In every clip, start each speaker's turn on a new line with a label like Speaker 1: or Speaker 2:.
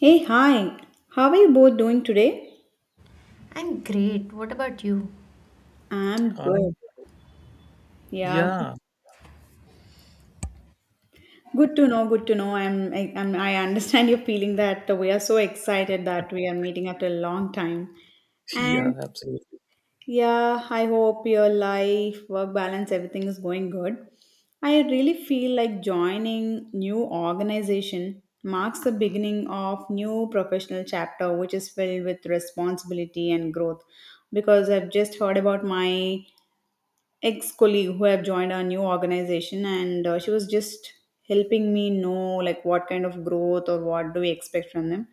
Speaker 1: Hey, hi. How are you both doing today?
Speaker 2: I'm great. What about you?
Speaker 1: I'm good.
Speaker 3: I,
Speaker 1: Yeah, good
Speaker 3: yeah,
Speaker 1: good to know. Good to know. I understand your feeling that we are so excited that we are meeting after a long time.
Speaker 3: yeah,
Speaker 1: And
Speaker 3: absolutely.
Speaker 1: yeah, I hope your life, work balance, everything is going good. I really feel like joining new organization marks the beginning of new professional chapter which is filled with responsibility and growth because I've just heard about my ex-colleague who have joined our new organization and she was just helping me know like what kind of growth or what do we expect from them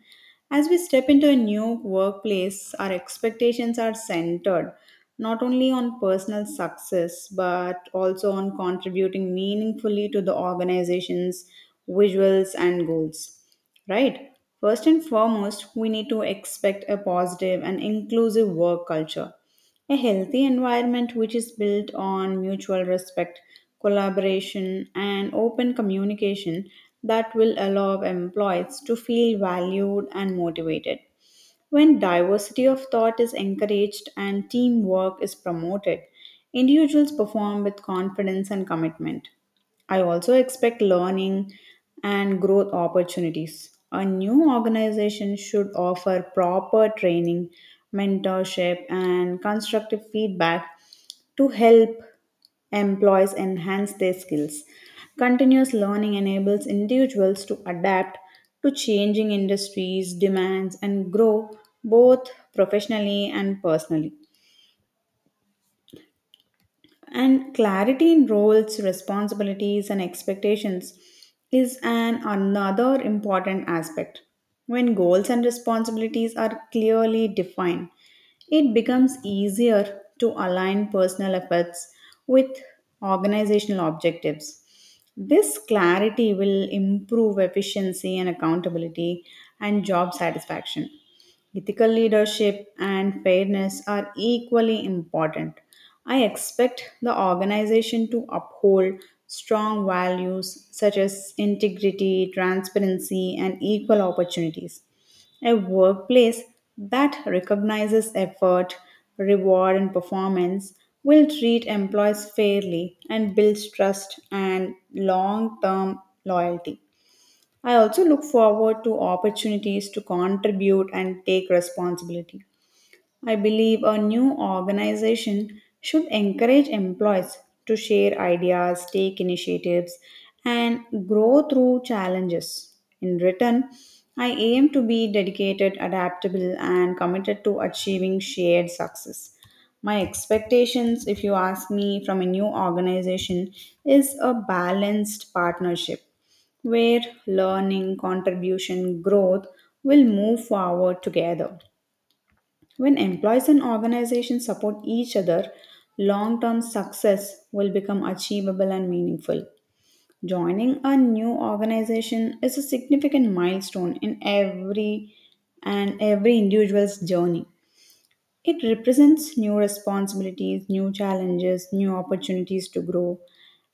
Speaker 1: as we step into a new workplace. Our expectations are centered not only on personal success but also on contributing meaningfully to the organization's visuals and goals, right? First and foremost, we need to expect a positive and inclusive work culture, a healthy environment which is built on mutual respect, collaboration, and open communication that will allow employees to feel valued and motivated. When diversity of thought is encouraged and teamwork is promoted, individuals perform with confidence and commitment. I also expect learning and growth opportunities. A new organization should offer proper training, mentorship, and constructive feedback to help employees enhance their skills. Continuous learning enables individuals to adapt to changing industries, demands, and grow both professionally and personally. And clarity in roles, responsibilities, and expectations is an another important aspect. When goals and responsibilities are clearly defined, it becomes easier to align personal efforts with organizational objectives. This clarity will improve efficiency and accountability and job satisfaction. Ethical leadership and fairness are equally important. I expect the organization to uphold strong values such as integrity, transparency, and equal opportunities. A workplace that recognizes effort, reward, and performance will treat employees fairly and builds trust and long term loyalty. I also look forward to opportunities to contribute and take responsibility. I believe a new organization should encourage employees to share ideas, take initiatives, and grow through challenges. In return, I aim to be dedicated, adaptable, and committed to achieving shared success. My expectations, if you ask me, from a new organization is a balanced partnership where learning, contribution, growth will move forward together. When employees and organizations support each other, long term success will become achievable and meaningful. Joining a new organization is a significant milestone in every and every individual's journey. It represents new responsibilities, new challenges, new opportunities to grow.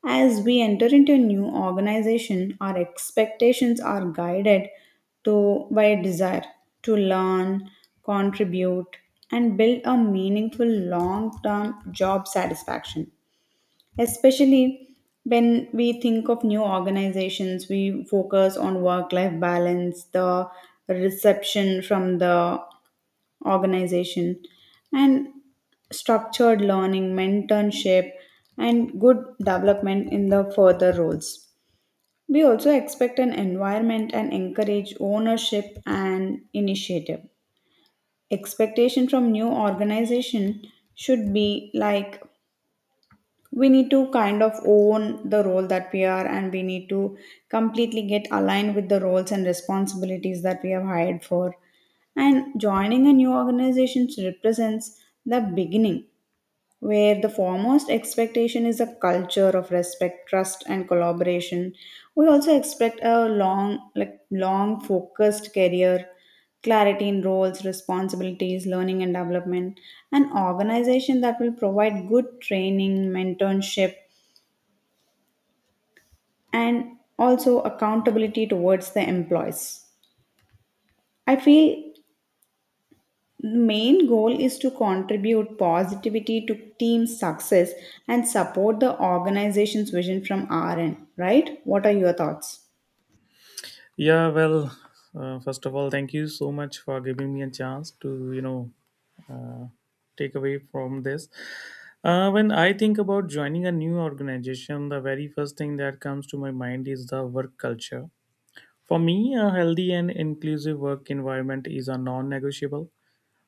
Speaker 1: As we enter into a new organization, our expectations are guided to by a desire to learn, contribute, and build a meaningful long-term job satisfaction, especially when we think of new organizations. We focus on work life balance, the reception from the organization, and structured learning, mentorship, and good development in the further roles. We also expect an environment and encourage ownership and initiative. Expectation from new organization should be like we need to kind of own the role that we are and we need to completely get aligned with the roles and responsibilities that we have hired for. And joining a new organization represents the beginning where the foremost expectation is a culture of respect, trust, and collaboration. We also expect a long focused career, clarity in roles, responsibilities, learning and development, an organization that will provide good training, mentorship, and also accountability towards the employees. I feel main goal is to contribute positivity to team success and support the organization's vision from our end. Right, what are your thoughts?
Speaker 3: Yeah, well, first of all, thank you so much for giving me a chance to, uh, take away from this. When I think about joining a new organization, the very first thing that comes to my mind is the work culture. For me, a healthy and inclusive work environment is a non negotiable.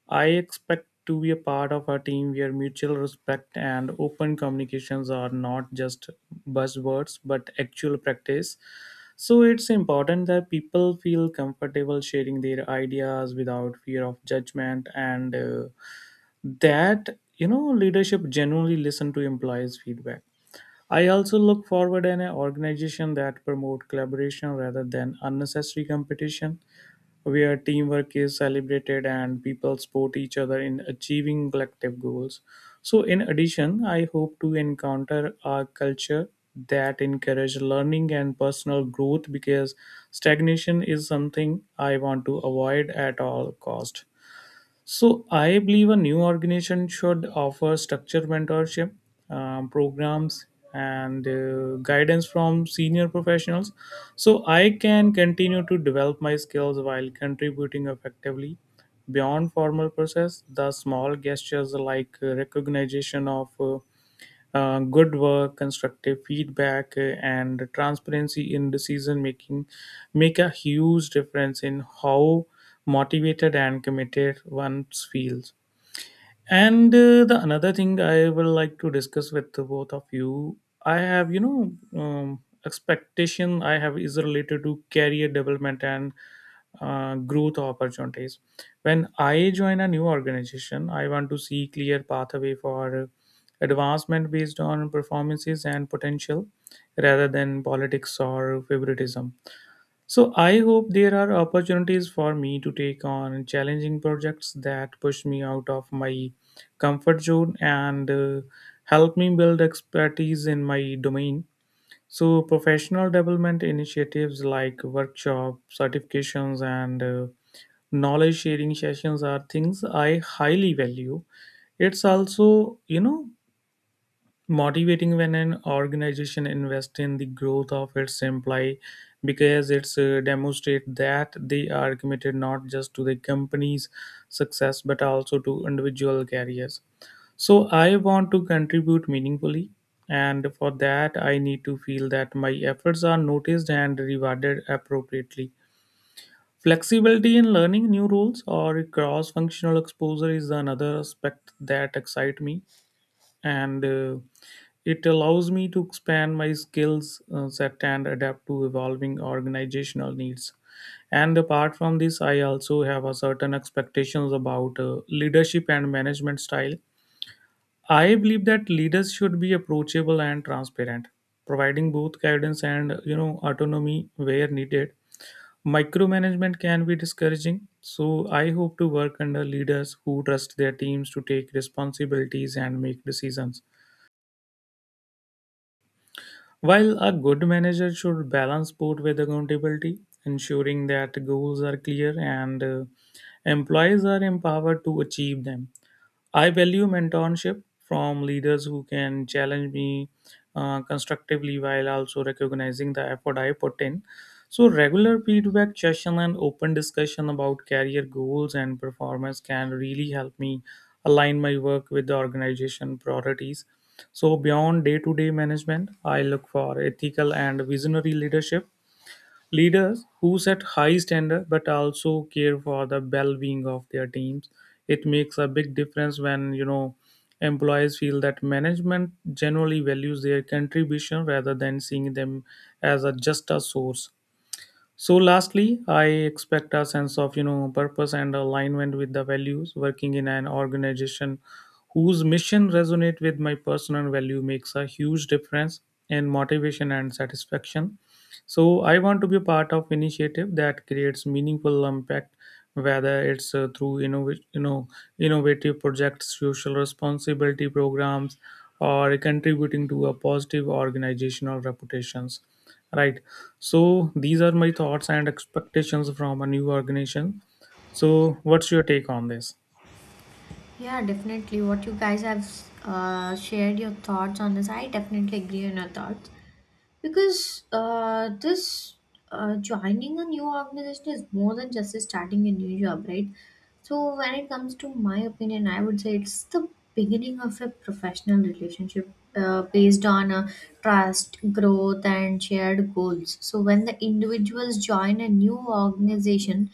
Speaker 3: I expect to be a part of a team where mutual respect and open communications are not just buzzwords but actual practice. So it's important that people feel comfortable sharing their ideas without fear of judgment, and that, you know, leadership genuinely listen to employees feedback. I also look forward in an organization that promote collaboration rather than unnecessary competition, where teamwork is celebrated and people support each other in achieving collective goals. So, in addition, I hope to encounter a culture that encourages learning and personal growth, because stagnation is something I want to avoid at all cost. So I believe a new organization should offer structured mentorship programs and guidance from senior professionals, so I can continue to develop my skills while contributing effectively beyond formal process. The small gestures like recognition of good work, constructive feedback, and transparency in decision making make a huge difference in how motivated and committed one feels. And the another thing I will like to discuss with the both of you, I have, um, expectation I have is related to career development and growth opportunities. When I join a new organization, I want to see clear pathway for advancement based on performances and potential, rather than politics or favoritism. So I hope there are opportunities for me to take on challenging projects that push me out of my comfort zone and help me build expertise in my domain. So professional development initiatives like workshop, certifications, and knowledge sharing sessions are things I highly value. It's also, you know, motivating when an organization invests in the growth of its employee, because it's demonstrate that they are committed not just to the company's success but also to individual careers. So I want to contribute meaningfully, and for that I need to feel that my efforts are noticed and rewarded appropriately. Flexibility in learning new roles or cross functional exposure is another aspect that excite me, and it allows me to expand my skills set and adapt to evolving organizational needs. And apart from this, I also have a certain expectations about leadership and management style. I believe that leaders should be approachable and transparent, providing both guidance and, you know, autonomy where needed. Micromanagement can be discouraging, so I hope to work under leaders who trust their teams to take responsibilities and make decisions. While a good manager should balance both with accountability, ensuring that goals are clear and employees are empowered to achieve them. I value mentorship from leaders who can challenge me constructively while also recognizing the effort I put in. So, regular feedback session and open discussion about career goals and performance can really help me align my work with the organization priorities. So, beyond day to day management, I look for ethical and visionary leadership. Leaders who set high standards but also care for the well-being of their teams. It makes a big difference when, you know, employees feel that management generally values their contribution rather than seeing them as a just a source. So, lastly, I expect a sense of, you know, purpose and alignment with the values. Working in an organization whose mission resonate with my personal value makes a huge difference in motivation and satisfaction. So, I want to be a part of initiative that creates meaningful impact, whether it's you know, innovative projects, social responsibility programs, or contributing to a positive organizational reputations. Right. So these are my thoughts and expectations from a new organization. So what's your take on this?
Speaker 2: Yeah, definitely. What you guys have shared your thoughts on this, I definitely agree on your thoughts because this joining a new organization is more than just starting a new job, right? So when it comes to my opinion, I would say it's the beginning of a professional relationship based on trust, growth, and shared goals. So when the individuals join a new organization,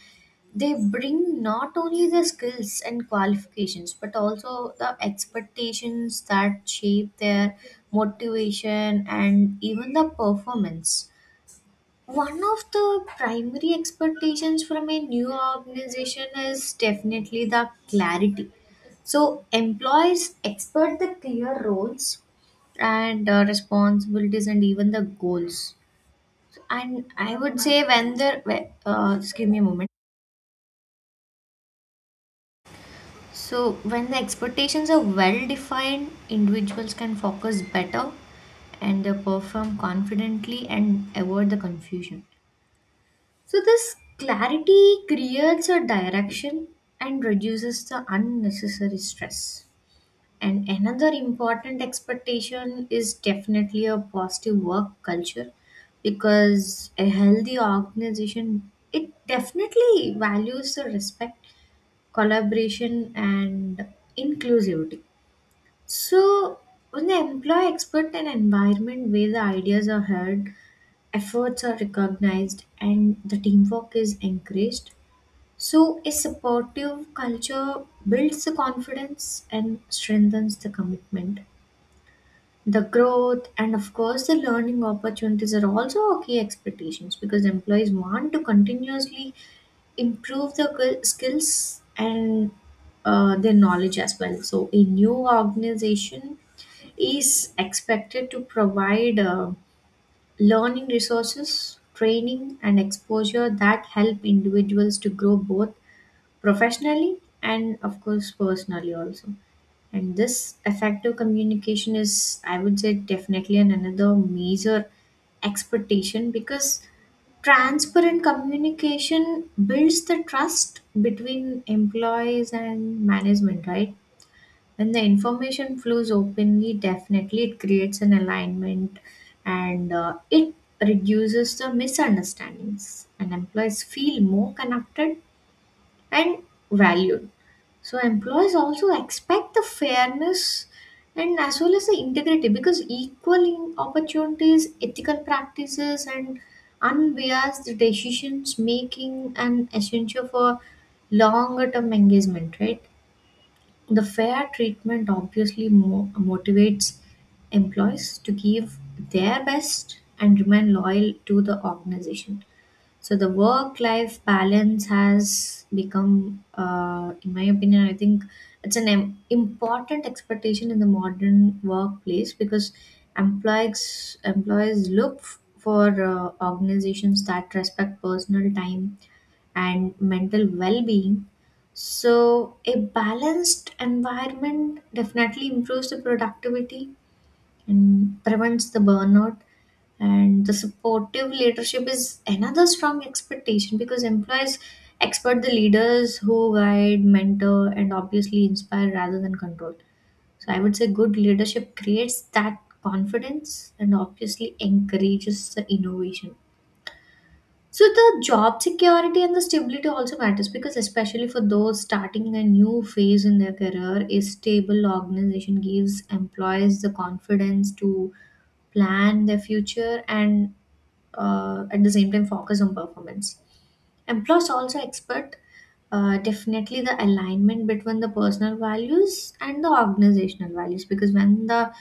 Speaker 2: they bring not only the skills and qualifications but also the expectations that shape their motivation and even the performance. One of the primary expectations from a new organization is definitely the clarity. So employees expect the clear roles and responsibilities and even the goals. And I would say when the just give me a moment. So, when the expectations are well defined, individuals can focus better and they perform confidently and avoid the confusion. So, this clarity creates a direction and reduces the unnecessary stress. And another important expectation is definitely a positive work culture, because a healthy organization it definitely values the respect, collaboration, and inclusivity. So, when the employee expert an environment where the ideas are heard, efforts are recognized, and the teamwork is encouraged, so a supportive culture builds the confidence and strengthens the commitment. The growth and, of course, the learning opportunities are also our key expectations, because employees want to continuously improve the skills and their knowledge as well. So, a new organization is expected to provide learning resources, training, and exposure that help individuals to grow both professionally and, of course, personally also. And this effective communication is, I would say, definitely an another major expectation, because transparent communication builds the trust between employees and management, right? When the information flows openly, definitely it creates an alignment and it reduces the misunderstandings, and employees feel more connected and valued. So employees also expect the fairness and as well as the integrity, because equal opportunities, ethical practices, and unbiased decisions making an essential for longer term engagement, right? The fair treatment obviously motivates employees to give their best and remain loyal to the organization. So the work-life balance has become, in my opinion, I think it's an important expectation in the modern workplace, because employees look for organizations that respect personal time and mental well-being. So, a balanced environment definitely improves the productivity and prevents the burnout. And the supportive leadership is another strong expectation, because employees expect the leaders who guide, mentor, and obviously inspire rather than control. So, I would say good leadership creates that confidence and obviously encourages the innovation. So the job security and the stability also matters, because especially for those starting a new phase in their career, a stable organization gives employees the confidence to plan their future and at the same time focus on performance. Employees also expect definitely the alignment between the personal values and the organizational values, because when the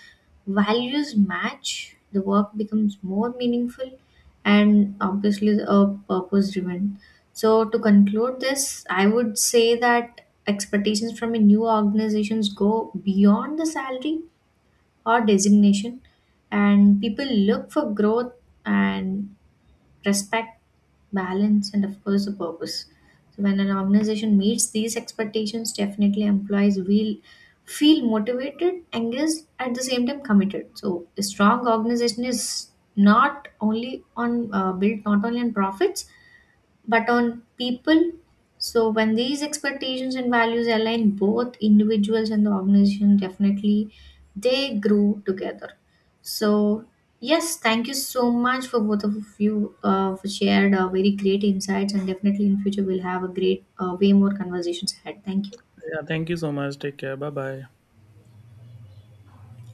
Speaker 2: values match, the work becomes more meaningful and obviously purpose driven. So, to conclude this, I would say that expectations from a new organizations go beyond the salary or designation, and people look for growth and respect, balance, and of course, a purpose. So, when an organization meets these expectations, definitely employees will feel motivated, engaged, at the same time committed. So, a strong organization is not only on built not only on profits but on people. So, when these expectations and values align, both individuals and the organization definitely they grow together. So, yes, thank you so much for both of you for shared very great insights, and definitely in future we'll have a great way more conversations ahead. Thank you.
Speaker 3: Yeah, thank you so much. Take care. Bye bye.